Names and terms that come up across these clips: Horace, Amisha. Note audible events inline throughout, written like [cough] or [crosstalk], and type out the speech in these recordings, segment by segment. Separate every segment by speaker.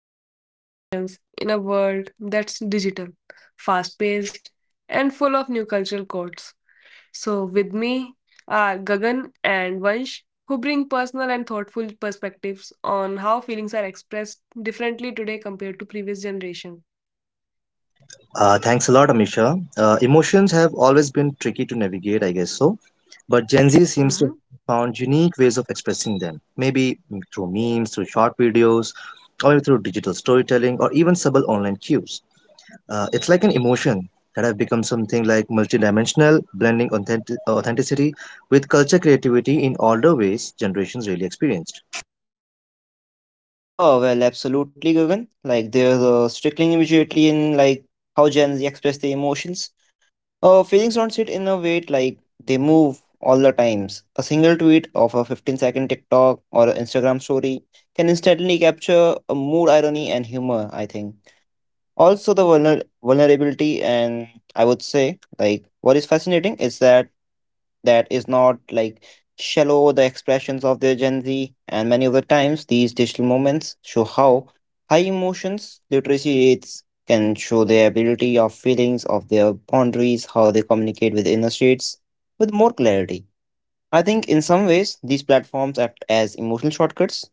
Speaker 1: Expresses emotions in a world that's digital, fast paced, and full of new cultural codes. So, with me are Gagan and Vansh, who bring personal and thoughtful perspectives on how feelings are expressed differently today compared to previous generation.
Speaker 2: Thanks a lot, Amisha. Emotions have always been tricky to navigate, I guess so. But Gen Z seems to have
Speaker 1: Mhm.
Speaker 2: found unique ways of expressing them. Maybe through memes, through short videos, or through digital storytelling, or even subtle online cues. It's like an emotion that have become something like multidimensional, blending authenticity with culture creativity in older ways generations really experienced.
Speaker 3: Oh, well, absolutely, Gagan. Like, there's a strickling immediately in, like, how Gen Z express their emotions. Feelings don't sit in a weight, like, they move all the times. A single tweet of a 15-second TikTok or an Instagram story can instantly capture a mood, irony, and humor, I think. Also, the vulnerability and, I would say, like, what is fascinating is that that is not like shallow the expressions of their Gen Z, and many of the times these digital moments show how high emotions literacy rates can show their ability of feelings of their boundaries, how they communicate with inner states with more clarity. I think in some ways these platforms act as emotional shortcuts.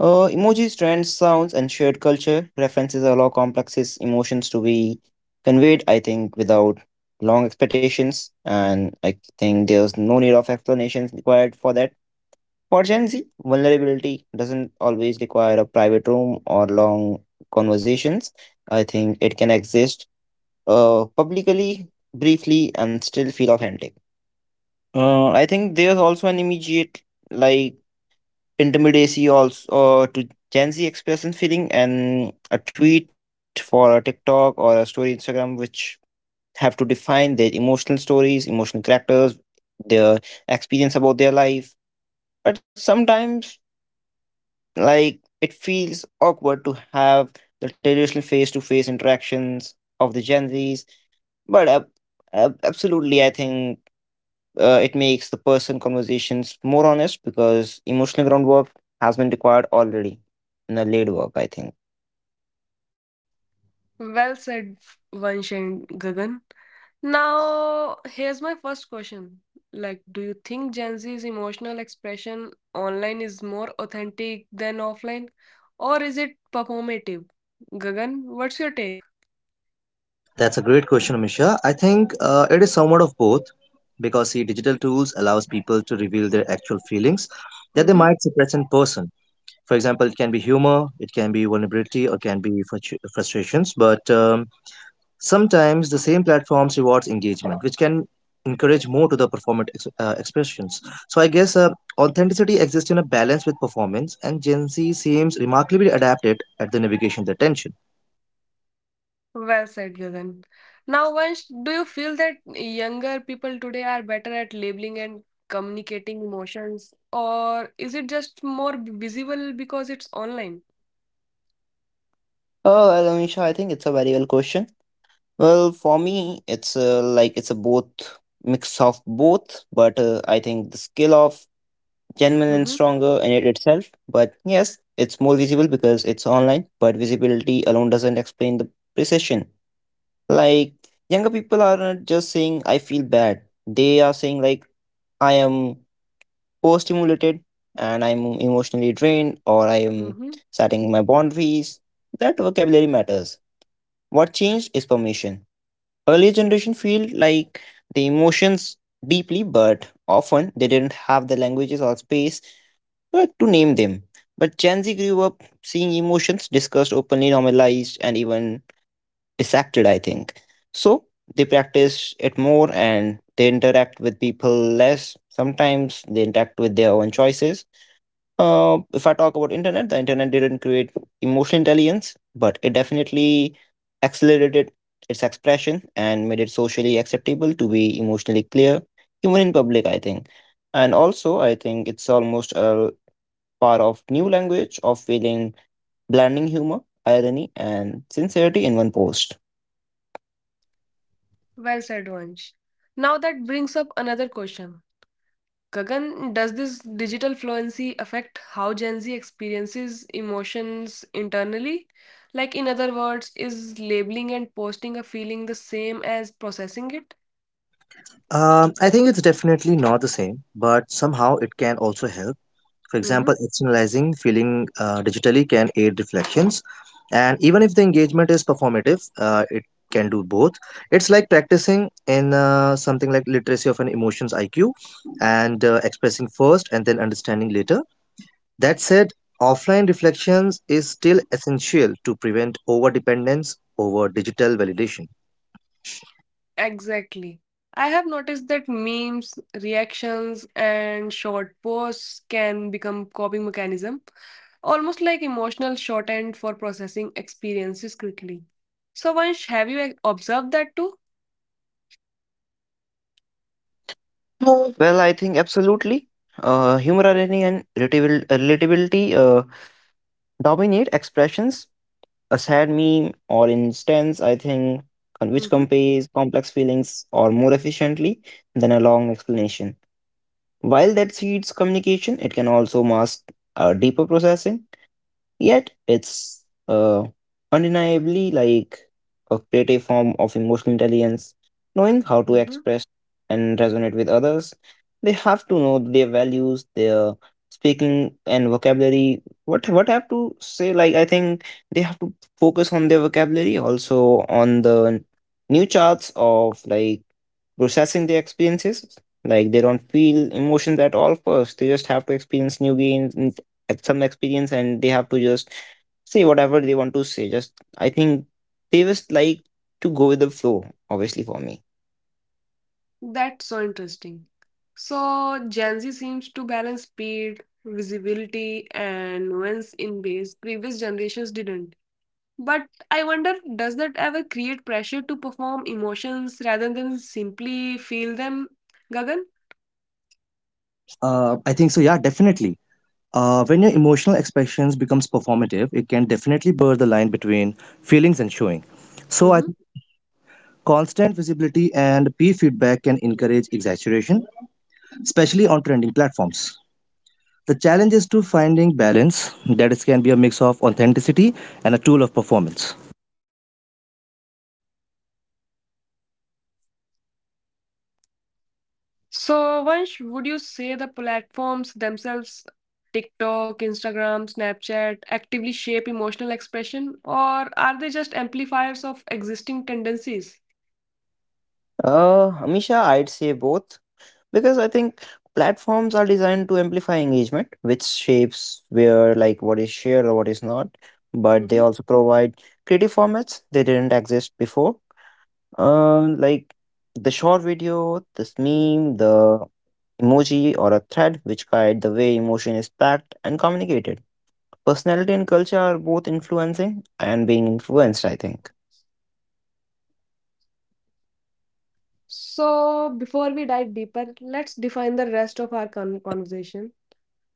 Speaker 3: Emojis, trends, sounds, and shared culture references allow complex emotions to be conveyed, I think, without long expectations. And I think there's no need of explanations required for that. For Gen Z, vulnerability doesn't always require a private room or long conversations. I think it can exist, publicly, briefly, and still feel authentic. I think there's also an immediate, like, intimidacy also, to Gen Z expression feeling and a tweet for a TikTok or a story Instagram which have to define their emotional stories, emotional characters, their experience about their life. But sometimes like it feels awkward to have the traditional face to face interactions of the Gen Zs. But absolutely I think it makes the person conversations more honest because emotional groundwork has been required already in a laid work, I think.
Speaker 1: Well said, Vansh and Gagan. Now, here's my first question. Like, do you think Gen Z's emotional expression online is more authentic than offline, or is it performative? Gagan, what's your take?
Speaker 2: That's a great question, Amisha. I think it is somewhat of both because see, digital tools allows people to reveal their actual feelings that they
Speaker 1: Mm-hmm.
Speaker 2: might suppress in person. For example, it can be humor, it can be vulnerability, or can be frustrations. But sometimes the same platforms rewards engagement, which can encourage more to the performant expressions. So I guess authenticity exists in a balance with performance, and Gen Z seems remarkably adapted at the navigation of the tension.
Speaker 1: Well said, Gagan. Now, Vansh, do you feel that younger people today are better at labeling and communicating emotions, or is it just more visible because it's online?
Speaker 3: Oh, well, Amisha, I think it's a very well question. Well, for me it's, like it's a both, mix of both, but I think the skill of genuine and
Speaker 1: Mm-hmm.
Speaker 3: stronger in it itself, but yes, it's more visible because it's online, but visibility alone doesn't explain the precision, like younger people are not just saying I feel bad, they are saying like I am overstimulated and I'm emotionally drained, or I am
Speaker 1: Mm-hmm.
Speaker 3: setting my boundaries. That vocabulary matters. What changed is permission. Earlier generation feel like the emotions deeply, but often they didn't have the languages or space, to name them. But Gen Z grew up seeing emotions discussed openly, normalized, and even dissected, I think. So they practice it more and they interact with people less. Sometimes they interact with their own choices. If I talk about internet, the internet didn't create emotional intelligence, but it definitely accelerated its expression and made it socially acceptable to be emotionally clear, even in public, I think. And also, I think it's almost a part of new language of feeling, blending humor, irony, and sincerity in one post.
Speaker 1: Well said, Vansh. Now, that brings up another question. Kagan, does this digital fluency affect how Gen Z experiences emotions internally? Like, in other words, is labeling and posting a feeling the same as processing it?
Speaker 2: I think it's definitely not the same, but somehow it can also help. For
Speaker 1: Hmm.
Speaker 2: example, externalizing feeling digitally can aid reflections. And even if the engagement is performative, it can do both. It's like practicing in something like literacy of an emotions IQ and expressing first and then understanding later. That said, offline reflections is still essential to prevent over dependence over digital validation.
Speaker 1: Exactly. I have noticed that memes, reactions, and short posts can become coping mechanism, almost like emotional shorthand for processing experiences quickly. So, Vansh, have you observed that too?
Speaker 3: Well, I think absolutely. Humor, irony, and relatability dominate expressions. A sad meme, or instance, I think, which conveys complex feelings or more efficiently than a long explanation. While that seeds communication, it can also mask, deeper processing. Yet it's, undeniably like a creative form of emotional intelligence, knowing how to
Speaker 1: Hmm.
Speaker 3: express and resonate with others. They have to know their values, their speaking and vocabulary. What I have to say? Like I think they have to focus on their vocabulary, also on the new charts of like processing their experiences. Like they don't feel emotions at all first. They just have to experience new gains, some experience, and they have to just say whatever they want to say, just, I think, they just like to go with the flow, obviously, for me.
Speaker 1: That's so interesting. So, Gen Z seems to balance speed, visibility, and nuance in ways previous generations didn't. But I wonder, does that ever create pressure to perform emotions rather than simply feel them, Gagan?
Speaker 2: I think so, yeah, definitely. When your emotional expressions becomes performative, it can definitely blur the line between feelings and showing. So I think
Speaker 1: Mm-hmm.
Speaker 2: constant visibility and peer feedback can encourage exaggeration, especially on trending platforms. The challenge is to finding balance that is can be a mix of authenticity and a tool of performance.
Speaker 1: So, Vansh, would you say the platforms themselves, TikTok, Instagram, Snapchat, actively shape emotional expression, or are they just amplifiers of existing tendencies?
Speaker 3: Amisha, I'd say both because I think platforms are designed to amplify engagement which shapes where like what is shared or what is not, but they
Speaker 1: Hmm.
Speaker 3: also provide creative formats they didn't exist before, like the short video, this meme, the emoji, or a thread which guide the way emotion is packed and communicated. Personality and culture are both influencing and being influenced, I think.
Speaker 1: So, before we dive deeper, let's define the rest of our conversation.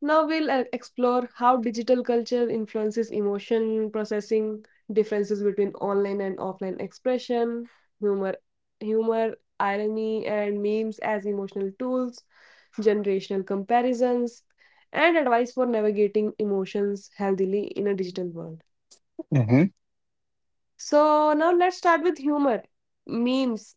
Speaker 1: Now we'll explore how digital culture influences emotion processing, differences between online and offline expression, humor, humor, irony, and memes as emotional tools, generational comparisons, and advice for navigating emotions healthily in a digital world.
Speaker 3: Mm-hmm.
Speaker 1: So now let's start with humor. Memes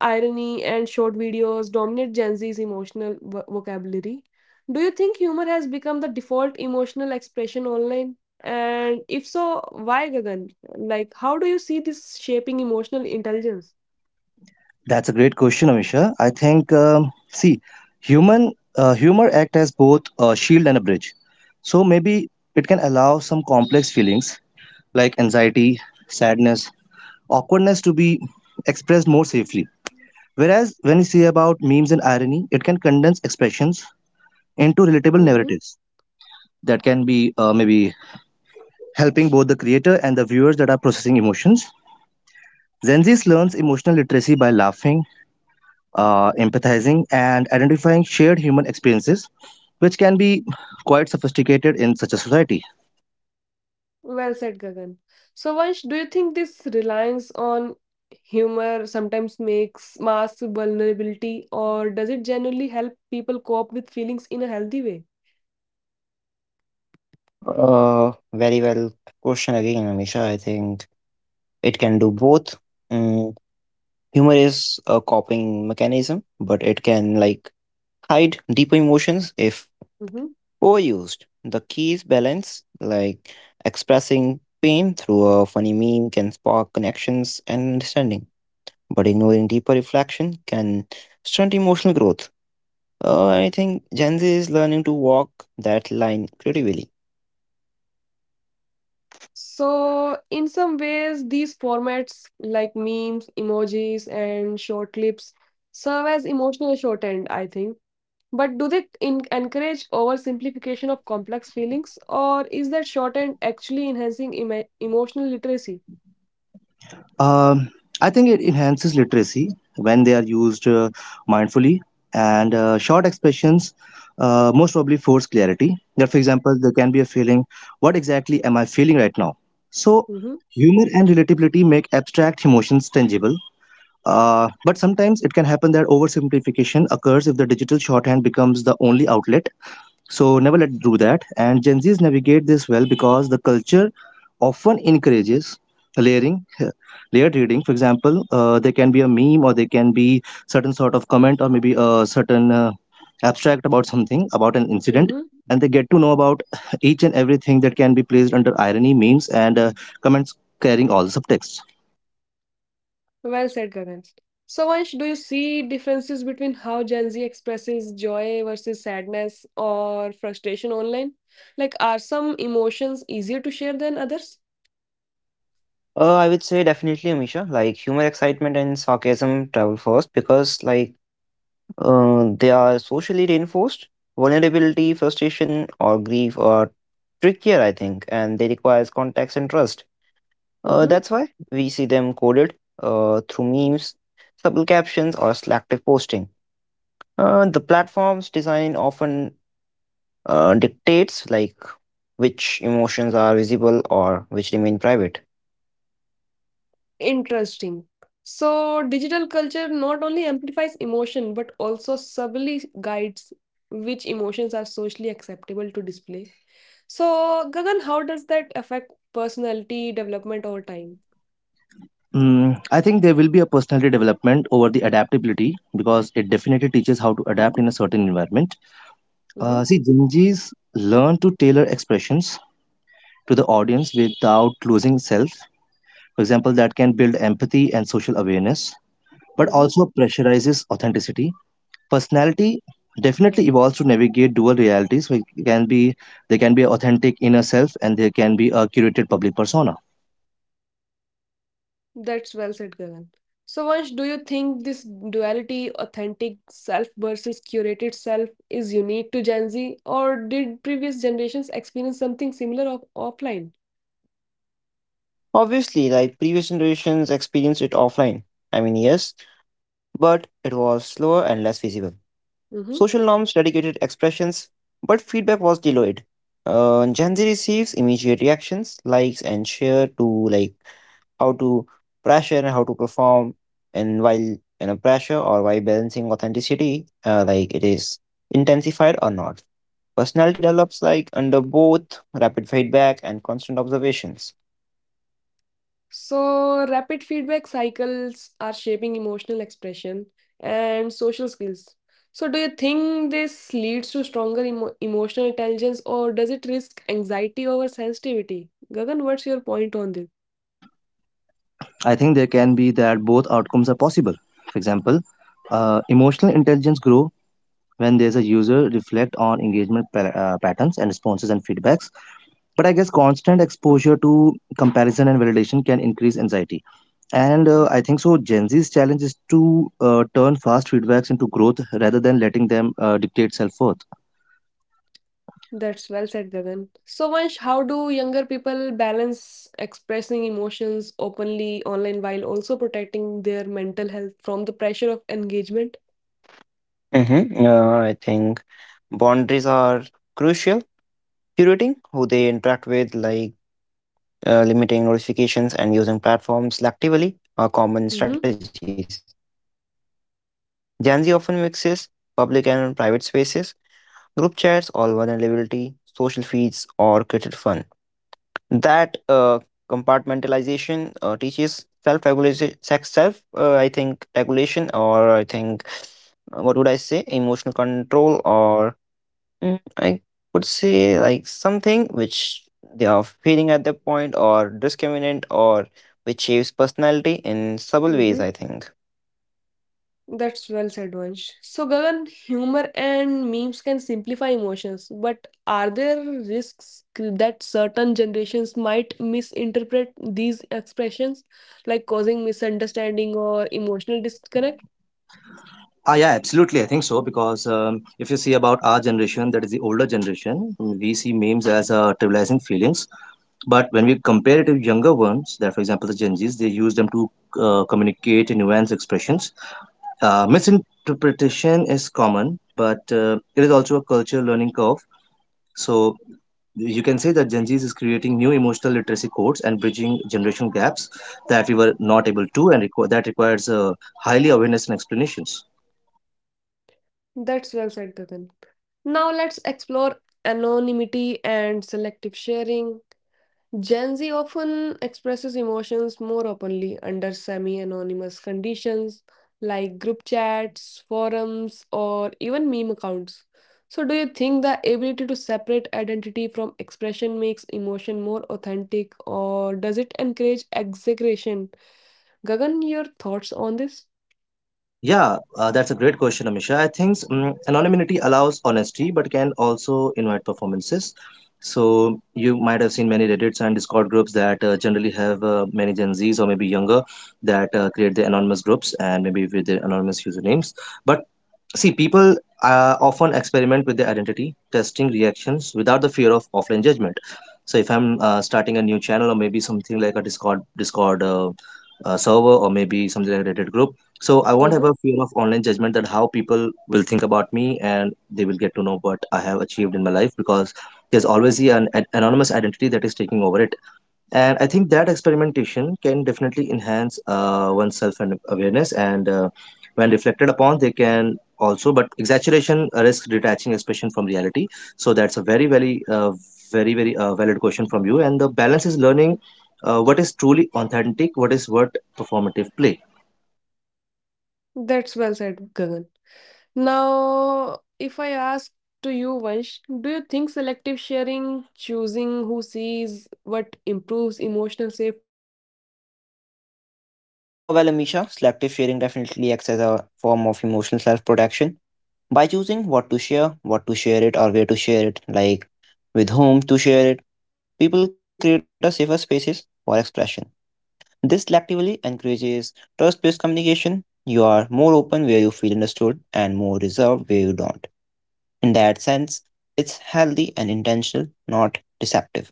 Speaker 1: irony, and short videos dominate Gen Z's emotional vocabulary. Do you think humor has become the default emotional expression online? And if so, why, Gagan? Like, how do you see this shaping emotional intelligence?
Speaker 2: That's a great question, Amisha. I think see, human humor act as both a shield and a bridge. So maybe it can allow some complex feelings like anxiety, sadness, awkwardness to be expressed more safely. Whereas when we say about memes and irony, it can condense expressions into relatable
Speaker 1: Mm-hmm.
Speaker 2: narratives that can be maybe helping both the creator and the viewers that are processing emotions. Gen Z learns emotional literacy by laughing, empathizing, and identifying shared human experiences, which can be quite sophisticated in such a society.
Speaker 1: Well said, Gagan. So, Vansh, do you think this reliance on humor sometimes makes masks vulnerability, or does it generally help people cope with feelings in a healthy way?
Speaker 3: Very well question again, Amisha. I think it can do both. Mm, Humor is a coping mechanism, but it can like hide deep emotions if
Speaker 1: Mhm.
Speaker 3: overused. The key is balance, like expressing pain through a funny meme can spark connections and understanding, but ignoring deeper reflection can stunt emotional growth. I think Gen Z is learning to walk that line pretty well.
Speaker 1: So, in some ways, these formats like memes, emojis, and short clips serve as emotional shorthand, I think. But do they encourage oversimplification of complex feelings, or is that shorthand actually enhancing emo emotional literacy?
Speaker 2: Um, I think it enhances literacy when they are used mindfully and short expressions most probably force clarity. That, for example, there can be a feeling, what exactly am I feeling right now? So,
Speaker 1: Mm-hmm.
Speaker 2: humor and relatability make abstract emotions tangible. But sometimes it can happen that oversimplification occurs if the digital shorthand becomes the only outlet, so never let do that. And Gen Zs navigate this well because the culture often encourages layering, [laughs] layered reading. For example, there can be a meme or there can be certain sort of comment or maybe a certain abstract about something, about an incident.
Speaker 1: Mm-hmm.
Speaker 2: And they get to know about [laughs] each and everything that can be placed under irony, memes, and comments carrying all the subtext.
Speaker 1: Well said, Gagan. So, Vansh, do you see differences between how Gen Z expresses joy versus sadness or frustration online? Like, are some emotions easier to share than others?
Speaker 3: I would say definitely, Amisha. Like humor, excitement, and sarcasm travel first because, like, they are socially reinforced. Vulnerability, frustration, or grief are trickier, I think, and they requires context and trust.
Speaker 1: Mm-hmm.
Speaker 3: That's why we see them coded, through memes, subtle captions, or selective posting. The platform's design often, dictates like which emotions are visible or which remain private.
Speaker 1: Interesting. So, digital culture not only amplifies emotion but also subtly guides which emotions are socially acceptable to display. So, Gagan, how does that affect personality development over time?
Speaker 2: I think there will be a personality development over the adaptability because it definitely teaches how to adapt in a certain environment.
Speaker 1: Mm-hmm.
Speaker 2: See, Gen Zs learn to tailor expressions to the audience without losing self. For example, that can build empathy and social awareness, but
Speaker 1: Mm-hmm.
Speaker 2: also pressurizes authenticity. Personality definitely evolves to navigate dual realities. So it can be there can be authentic inner self, and there can be a curated public persona.
Speaker 1: That's well said, Gagan. So, Vansh, do you think this duality, authentic self versus curated self, is unique to Gen Z, or did previous generations experience something similar offline?
Speaker 3: Obviously, like previous generations experienced it offline. I mean, yes, but it was slower and less visible.
Speaker 1: Mm-hmm.
Speaker 3: Social norms dedicated expressions, but feedback was delayed. Gen Z receives immediate reactions, likes, and share to like how to pressure and how to perform, and while in a pressure or while balancing authenticity, like it is intensified or not. Personality develops like under both rapid feedback and constant observations.
Speaker 1: So, rapid feedback cycles are shaping emotional expression and social skills. So, do you think this leads to stronger emotional intelligence or does it risk anxiety over sensitivity? Gagan, what's your point on this?
Speaker 2: I think there can be that both outcomes are possible. For example, emotional intelligence grow when there's a user reflect on engagement patterns and responses and feedbacks, but I guess constant exposure to comparison and validation can increase anxiety, and I think so Gen Z's challenge is to turn fast feedbacks into growth rather than letting them dictate self-worth.
Speaker 1: That's well said, Gagan. So, Vansh, how do younger people balance expressing emotions openly online while also protecting their mental health from the pressure of engagement?
Speaker 3: hmm I think boundaries are crucial. Curating who they interact with, like, limiting notifications and using platforms selectively, are common
Speaker 1: Mm-hmm.
Speaker 3: strategies. Gen Z often mixes public and private spaces, group chats, all vulnerability, social feeds, or created fun. That compartmentalization, teaches self regulation, self, I think regulation, or I think, what would I say, emotional control, or, I would say like something which they are feeling at that point, or discriminant, or which shapes personality in subtle ways, I think.
Speaker 1: That's well said, Vansh. So, Gagan, humor and memes can simplify emotions, but are there risks that certain generations might misinterpret these expressions, like causing misunderstanding or emotional disconnect?
Speaker 2: Yeah, absolutely. I think so because if you see about our generation, that is the older generation, we see memes as trivializing feelings. But when we compare it to younger ones, that for example the Gen Zs, they use them to communicate in nuanced expressions. Misinterpretation is common, but it is also a culture learning curve. So you can say that Gen Zs is creating new emotional literacy codes and bridging generational gaps that we were not able to, and that requires highly awareness and explanations.
Speaker 1: That's well said, Gagan. Now, let's explore anonymity and selective sharing. Gen Z often expresses emotions more openly under semi anonymous conditions like group chats, forums, or even meme accounts. So, do you think the ability to separate identity from expression makes emotion more authentic, or does it encourage exaggeration? Gagan, your thoughts on this?
Speaker 2: Yeah, that's a great question, Amisha. I think anonymity allows honesty, but can also invite performances. So you might have seen many Reddits and Discord groups that generally have many Gen Zs or maybe younger that create the anonymous groups and maybe with their anonymous usernames. But see, people often experiment with their identity, testing reactions without the fear of offline judgment. So, if I'm starting a new channel or maybe something like a Discord server or maybe something like a Reddit group, so I won't have a
Speaker 1: Mm-hmm.
Speaker 2: fear of online judgment that how people will think about me and they will get to know what I have achieved in my life because there's always the an anonymous identity that is taking over it, and I think that experimentation can definitely enhance one's self and awareness, and when reflected upon they can also, but exaggeration risks detaching expression from reality. So that's a very very valid question from you, and the balance is learning what is truly authentic, what is what performative play.
Speaker 1: That's well said, Gagan. Now, if I ask to you, Vansh, do you think selective sharing, choosing who sees what improves emotional safety?
Speaker 3: Well, Amisha, selective sharing definitely acts as a form of emotional self protection. By choosing what to share it, or where to share it, like with whom to share it, people create a safer spaces for expression. This actively encourages trust based communication. You are more open where you feel understood and more reserved where you don't. In that sense, it's healthy and intentional, not deceptive.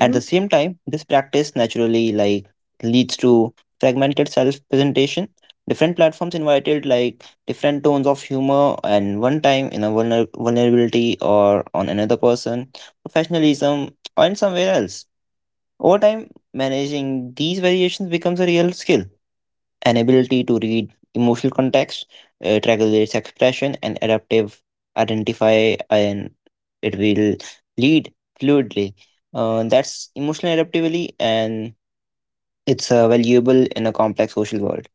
Speaker 3: At the same time, this practice naturally like leads to fragmented self-presentation. Different platforms invited like different tones of humor and one time in a vulnerability, or on another person, professionalism, or in somewhere else. Over time, managing these variations becomes a real skill, an ability to read emotional context, it regulates expression, and adaptive identify, and it will lead fluidly. That's emotional adaptability, and it's, valuable in a complex social world.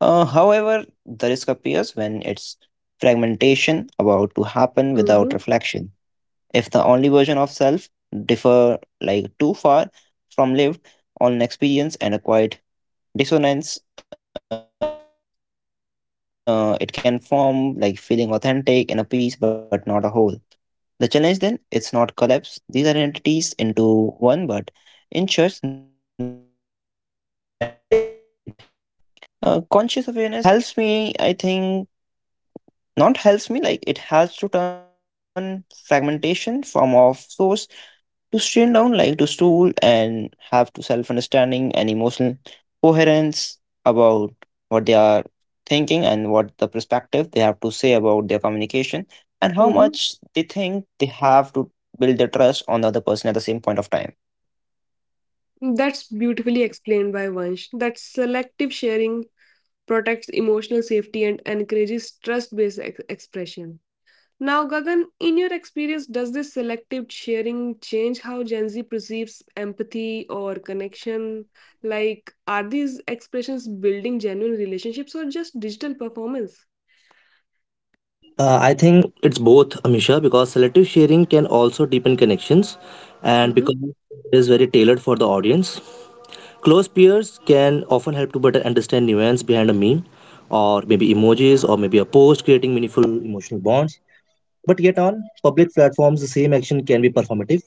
Speaker 3: However, the risk appears when it's fragmentation about to happen without
Speaker 1: mm-hmm,
Speaker 3: reflection. If the only version of self differ like too far from lived on experience and acquired Dissonance, it can form like feeling authentic in a piece but not a whole. The challenge then it's not collapse these identities into one, but ensures that they are aligned. Conscious awareness, I think, regularly asking, "Does this still feel like me?" So helps me, I think, not helps me, like it helps to turn fragmentation from of source to strain down, like to stool and have to self understanding and emotional coherence about what they are thinking and what the perspective they have to say about their communication and how
Speaker 1: mm-hmm.
Speaker 3: much they think they have to build their trust on the other person at the same point of time.
Speaker 1: That's beautifully explained by Vansh. That selective sharing protects emotional safety and encourages trust based expression. Now, Gagan, in your experience, does this selective sharing change how Gen Z perceives empathy or connection? Like, are these expressions building genuine relationships or just digital performance?
Speaker 2: I think it's both, Amisha, because selective sharing can also deepen connections and because
Speaker 1: Mm-hmm.
Speaker 2: it is very tailored for the audience. Close peers can often help to better understand nuance behind a meme or maybe emojis or maybe a post, creating meaningful emotional bonds. But yet on public platforms, the same action can be performative,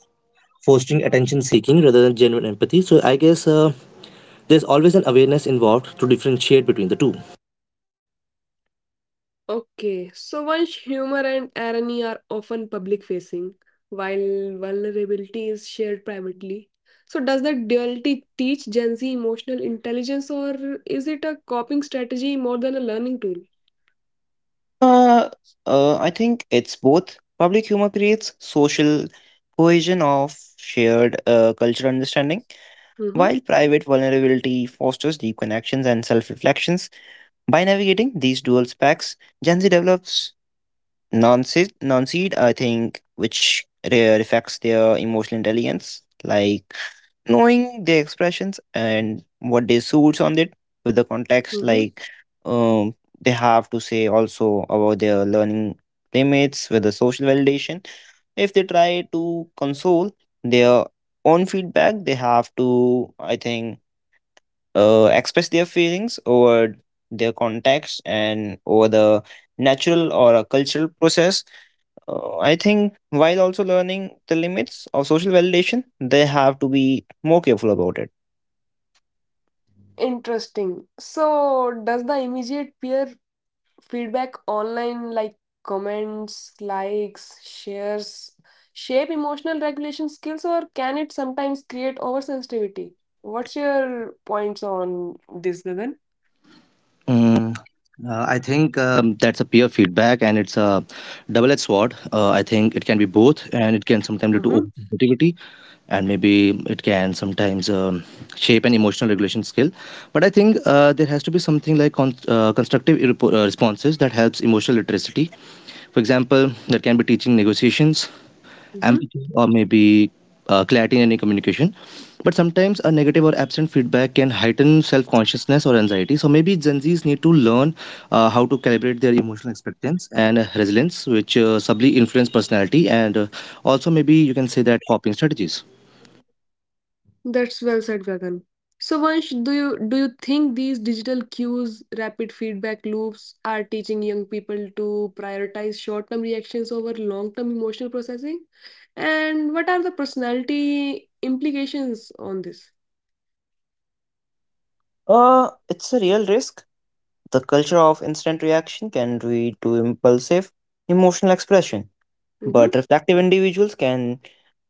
Speaker 2: fostering attention seeking rather than genuine empathy. So I guess there's always an awareness involved to differentiate between the two.
Speaker 1: Okay, so while humor and irony are often public facing, while vulnerability is shared privately, so does that duality teach Gen Z emotional intelligence or is it a coping strategy more than a learning tool?
Speaker 3: Uh, I think it's both. Public humor creates social cohesion of shared, cultural understanding,
Speaker 1: Mm-hmm.
Speaker 3: while private vulnerability fosters deep connections and self reflections. By navigating these dual specs, Gen Z develops non-seed, I think, which reflects their emotional intelligence, like knowing their expressions and what they suits on it with the context,
Speaker 1: Mm-hmm.
Speaker 3: like, um, they have to say also about their learning limits with the social validation. If they try to console their own feedback, they have to, I think, express their feelings over their context and over the natural or a cultural process. I think while also learning the limits of social validation, they have to be more careful about it.
Speaker 1: Interesting. So, does the immediate peer feedback online, like comments, likes, shares, shape emotional regulation skills, or can it sometimes create oversensitivity? What's your points on this, Gagan?
Speaker 2: Mm, I think that's a peer feedback, and it's a double-edged sword. I think it can be both, and it can sometimes lead to
Speaker 1: Mm-hmm.
Speaker 2: overcompetitivity, and maybe it can sometimes shape an emotional regulation skill. But I think there has to be something like constructive responses that helps emotional literacy. For example, there can be teaching negotiations,
Speaker 1: Mm-hmm.
Speaker 2: empathy, or maybe clarity in any communication. But sometimes a negative or absent feedback can heighten self consciousness or anxiety. So maybe Gen Zs need to learn how to calibrate their emotional expectance and resilience, which subtly influence personality and also maybe you can say that coping strategies.
Speaker 1: That's well said, Gagan. So, Vansh, do you think these digital cues, rapid feedback loops, are teaching young people to prioritize short-term reactions over long-term emotional processing? And what are the personality implications on this?
Speaker 3: It's a real risk. The culture of instant reaction can lead to impulsive emotional expression,
Speaker 1: Mm-hmm,
Speaker 3: but reflective individuals can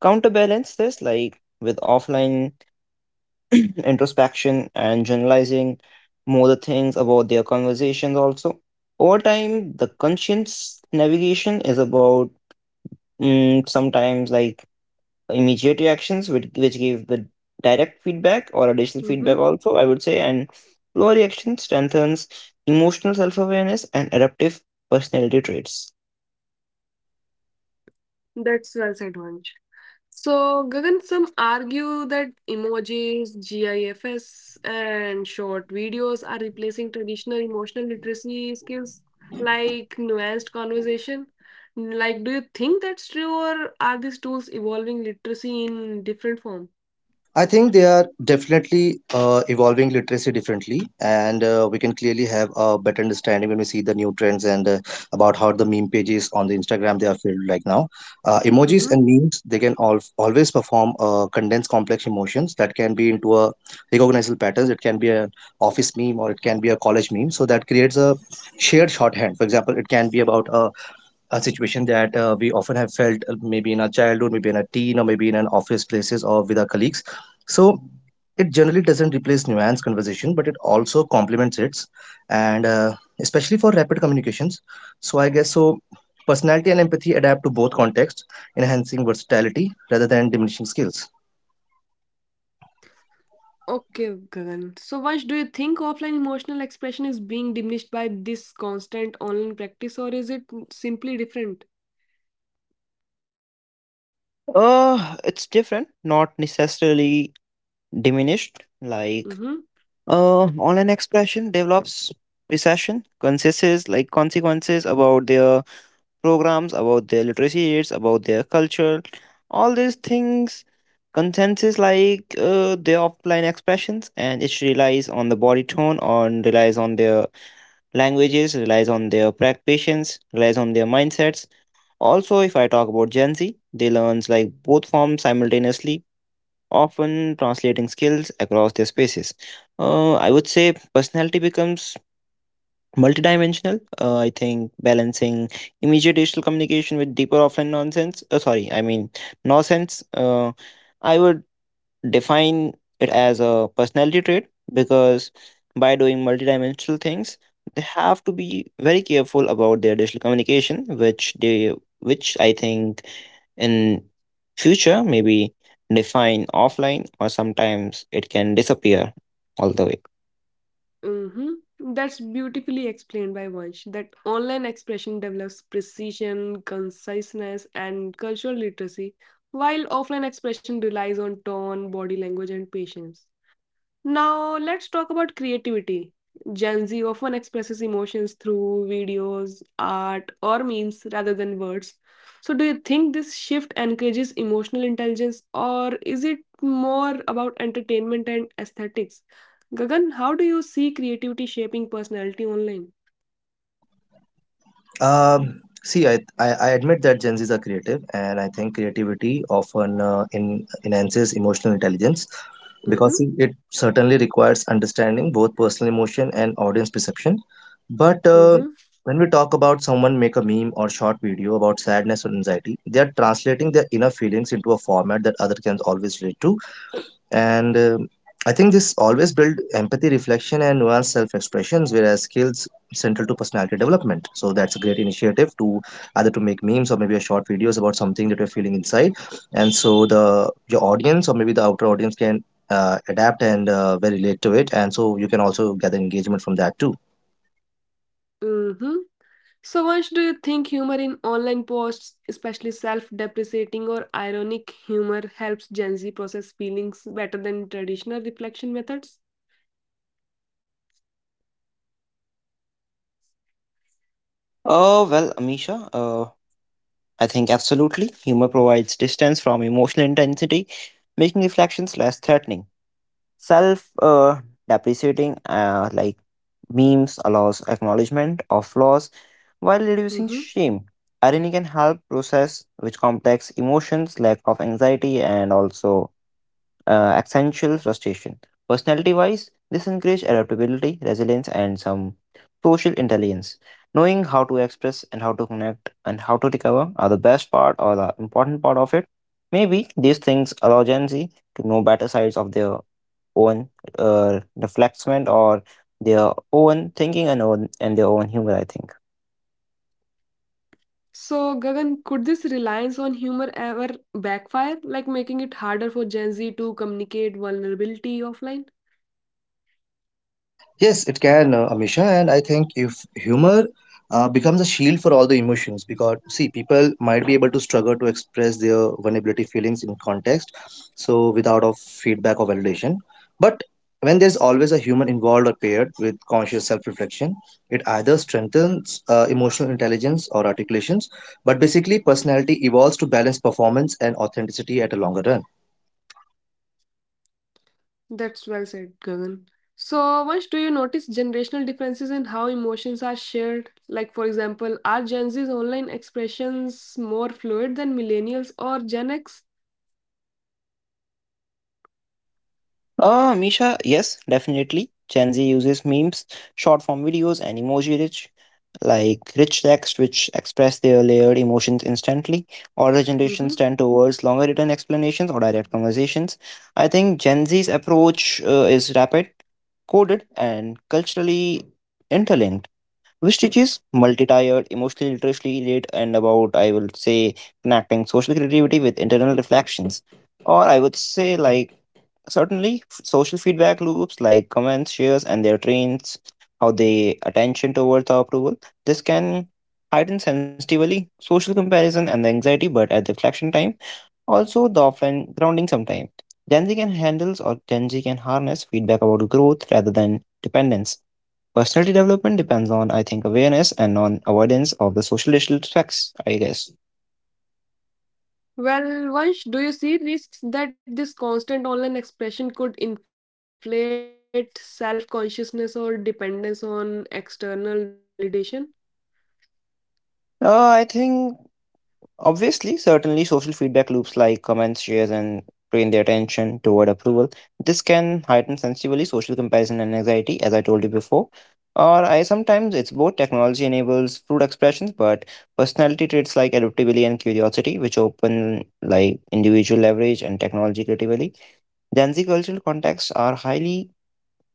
Speaker 3: counterbalance this, like with offline [clears throat] introspection and generalizing more the things about their conversations also over time. The conscience navigation is about, sometimes like immediate reactions which give the direct feedback or additional feedback
Speaker 1: mm-hmm.
Speaker 3: also, I would say, and lower reaction strengthens emotional self-awareness and adaptive personality traits.
Speaker 1: That's well said, Vansh. So, Gagan, some argue that emojis, GIFs, and short videos are replacing traditional emotional literacy skills like nuanced conversation. Like, do you think that's true, or are these tools evolving literacy in different form?
Speaker 2: I think they are definitely evolving literacy differently, and we can clearly have a better understanding when we see the new trends and about how the meme pages on the Instagram they are filled right now. Emojis
Speaker 1: Mm-hmm.
Speaker 2: and memes, they can always perform condensed complex emotions that can be into a recognizable patterns. It can be an office meme or it can be a college meme. So that creates a shared shorthand. For example, it can be about a situation that we often have felt maybe in our childhood, maybe in a teen, or maybe in an office places or with our colleagues. So it generally doesn't replace nuanced conversation, but it also complements it, and especially for rapid communications. So I guess so. Personality and empathy adapt to both contexts, enhancing versatility rather than diminishing skills.
Speaker 1: Okay, Gagan. So, Vansh, do you think offline emotional expression is being diminished by this constant online practice, or is it simply different?
Speaker 3: It's different, not necessarily diminished, like.
Speaker 1: Mm-hmm.
Speaker 3: Online expression develops recession consequences like consequences about their programs, about their literacy rates, about their culture, all these things. Consensus like, their offline expressions, and it relies on the body tone, on relies on their languages, relies on their practitioners, relies on their mindsets. Also, if I talk about Gen Z, they learns like both forms simultaneously, often translating skills across their spaces. I would say personality becomes multidimensional. I think balancing immediate digital communication with deeper offline nonsense. I mean nonsense. I would define it as a personality trait because by doing multidimensional things they have to be very careful about their digital communication which, I think, in future maybe define offline, or sometimes it can disappear all the way.
Speaker 1: Mhm. That's beautifully explained by Vansh that online expression develops precision, conciseness, and cultural literacy, while offline expression relies on tone, body language, and patience. Now, let's talk about creativity. Gen Z often expresses emotions through videos, art, or memes rather than words. So, do you think this shift encourages emotional intelligence or is it more about entertainment and aesthetics? Gagan, how do you see creativity shaping personality online?
Speaker 2: See, I I admit that Gen Zs are creative, and I think creativity often enhances emotional intelligence because
Speaker 1: Mm-hmm,
Speaker 2: see, it certainly requires understanding both personal emotion and audience perception. But
Speaker 1: mm-hmm,
Speaker 2: when we talk about someone make a meme or short video about sadness or anxiety, they are translating their inner feelings into a format that other can always relate to, and I think this always build empathy reflection and nuanced self-expressions, whereas skills central to personality development. So that's a great initiative to either to make memes or maybe a short videos about something that you're feeling inside, and so the your audience or maybe the outer audience can adapt and very relate to it, and so you can also gather engagement from that too.
Speaker 1: mm-hmm. So, Vansh, do you think humor in online posts, especially self depreciating or ironic humor, helps Gen Z process feelings better than traditional reflection methods?
Speaker 3: Oh, well, Amisha, I think absolutely humor provides distance from emotional intensity, making reflections less threatening. Self depreciating like memes allows acknowledgement of flaws while reducing
Speaker 1: Hmm.
Speaker 3: shame. Irony can help process which complex emotions, lack of anxiety, and also accentual frustration. Personality wise, this encourages adaptability, resilience, and some social intelligence. Knowing how to express and how to connect and how to recover are the best part or the important part of it. Maybe these things allow Gen Z to know better sides of their own reflection or their own thinking and own and their own humor, I think.
Speaker 1: So, Gagan, could this reliance on humor ever backfire, like making it harder for Gen Z to communicate vulnerability offline?
Speaker 2: Yes, it can, Amisha. And I think if humor becomes a shield for all the emotions, because see, people might be able to struggle to express their vulnerability feelings in context, so without of feedback or validation. But when there's always a human involved or paired with conscious self-reflection, it either strengthens emotional intelligence or articulations, but basically, personality evolves to balance performance and authenticity at a longer run.
Speaker 1: That's well said, Gagan. So, Vansh, do you notice generational differences in how emotions are shared? Like, for example, are Gen Z's online expressions more fluid than millennials or Gen X?
Speaker 3: Ah, Misha, yes, definitely. Gen Z uses memes, short form videos, and emoji like rich texts which express their layered emotions instantly. Older
Speaker 1: Hmm.
Speaker 3: generations tend towards longer written explanations or direct conversations. I think Gen Z's approach is rapid, coded, and culturally interlinked, which teaches multi-tiered, emotionally literacy late and about, I would say, connecting social creativity with internal reflections. Or I would say like, certainly, social feedback loops like comments, shares, and their trends, how they attention towards the approval. This can heighten sensitively social comparison and the anxiety, but at the reflection time, also the offline grounding sometimes. Gen Z can harness feedback about growth rather than dependence. Personality development depends on, I think, awareness and on avoidance of the social digital effects, I guess.
Speaker 1: Well, Vansh, do you see risks that this constant online expression could inflate self consciousness or dependence on external validation?
Speaker 3: I think obviously, certainly social feedback loops like comments, shares, and train the attention toward approval. This can heighten sensibly social comparison and anxiety, as I told you before. Or I sometimes it's both technology enables fruit expressions, but personality traits like adaptability and curiosity, which open like individual leverage and technology creatively. Gen Z cultural contexts are highly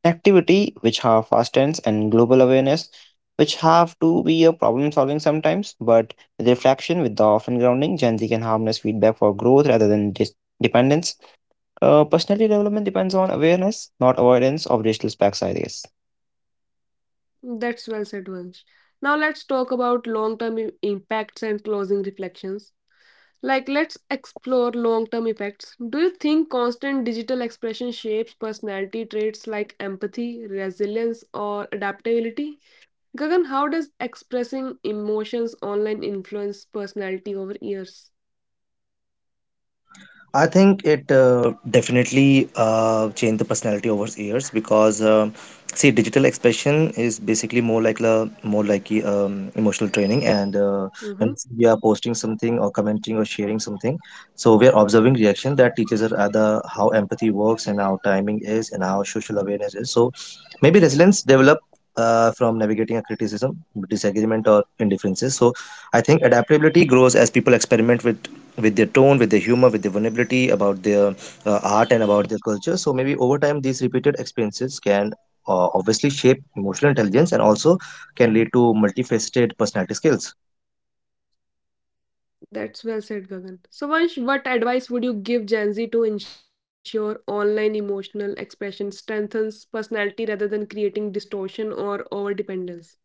Speaker 3: activity which have fast trends and global awareness, which have to be a problem solving sometimes, but with reflection with the often grounding, Gen Z can harness feedback for growth rather than dependence. Personality development depends on awareness, not avoidance of digital specs, I guess.
Speaker 1: That's well said, Vansh. Now let's talk about long term impacts and closing reflections. Like, let's explore long term effects. Do you think constant digital expression shapes personality traits like empathy, resilience, or adaptability? Gagan, how does expressing emotions online influence personality over years?
Speaker 2: I think it definitely changed the personality over the years because see, digital expression is basically more like emotional training, and when
Speaker 1: Hmm.
Speaker 2: we are posting something or commenting or sharing something, so we are observing reaction that teaches us other how empathy works and how timing is and how social awareness is. So maybe resilience develop. From navigating a criticism, disagreement, or indifferences. So, I think adaptability grows as people experiment with their tone, with their humor, with their vulnerability about their art and about their culture. So maybe over time, these repeated experiences can obviously shape emotional intelligence and also can lead to multifaceted personality skills.
Speaker 1: That's well said, Gagan. So, Vansh, what advice would you give Gen Z to ensure online emotional expression strengthens personality rather than creating distortion or overdependence?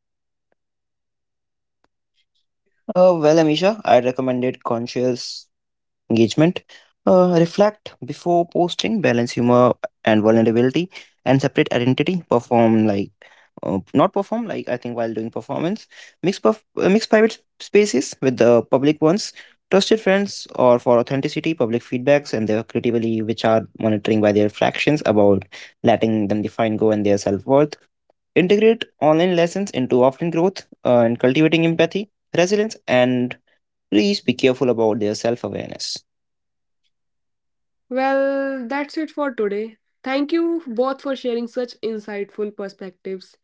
Speaker 3: Well, Amisha, I recommended conscious engagement. Reflect before posting, balance humor and vulnerability, and separate identity. Perform like not perform like I think while doing performance. Mix private spaces with the public ones. Trusted friends or for authenticity, public feedbacks, and their critically which are monitoring by their fractions about letting them define go and their self worth. Integrate online lessons into offline growth and cultivating empathy, resilience, and please be careful about their self awareness.
Speaker 1: Well, that's it for today. Thank you both for sharing such insightful perspectives.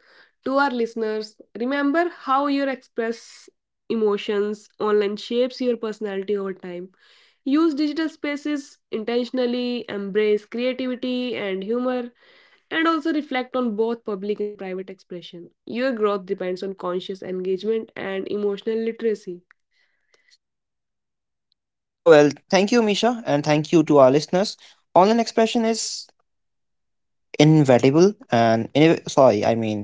Speaker 1: To our listeners, remember how your express emotions online shapes your personality over time. Use digital spaces intentionally, embrace creativity and humor, and also reflect on both public and private expression. Your growth depends on conscious engagement and emotional literacy.
Speaker 3: Oh, well, thank you, Misha, and thank you to our listeners. Online expression is inevitable and, inev- sorry,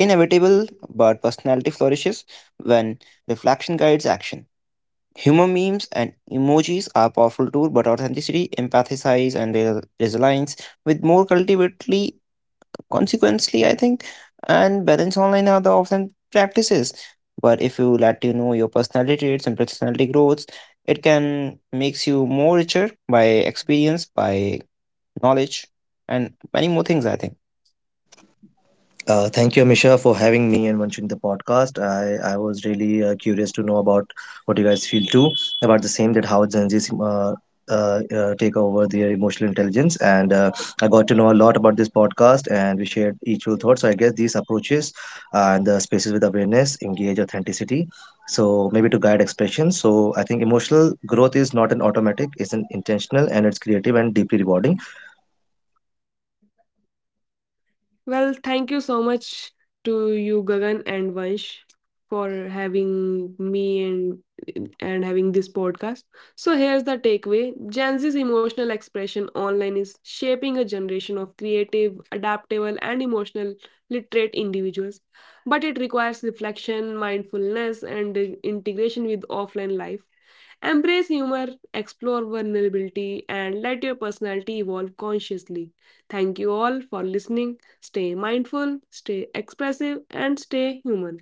Speaker 3: inevitable, but personality flourishes when reflection guides action. Humor memes and emojis are powerful tools, but authenticity, empathize, and resilience with more cultivatedly consequently, I think, and balance online and other offline practices, but if you let you know your personality traits and personality growths, it can makes you more richer by experience, by knowledge, and many more things, I think.
Speaker 2: Thank you, Amisha, for having me and launching the podcast. I was really curious to know about what you guys feel too about the same, that how Gen Zs take over their emotional intelligence. And I got to know a lot about this podcast and we shared each your thoughts. So I guess these approaches and the spaces with awareness engage authenticity. So maybe to guide expression. So I think emotional growth is not an automatic, it's an intentional and it's creative and deeply rewarding.
Speaker 1: Well, thank you so much to you, Gagan and Vansh, for having me and having this podcast. So here's the takeaway: Gen Z's emotional expression online is shaping a generation of creative, adaptable, and emotional literate individuals. But it requires reflection, mindfulness, and integration with offline life. Embrace humor, explore vulnerability, and let your personality evolve consciously. Thank you all for listening. Stay mindful, stay expressive, and stay human.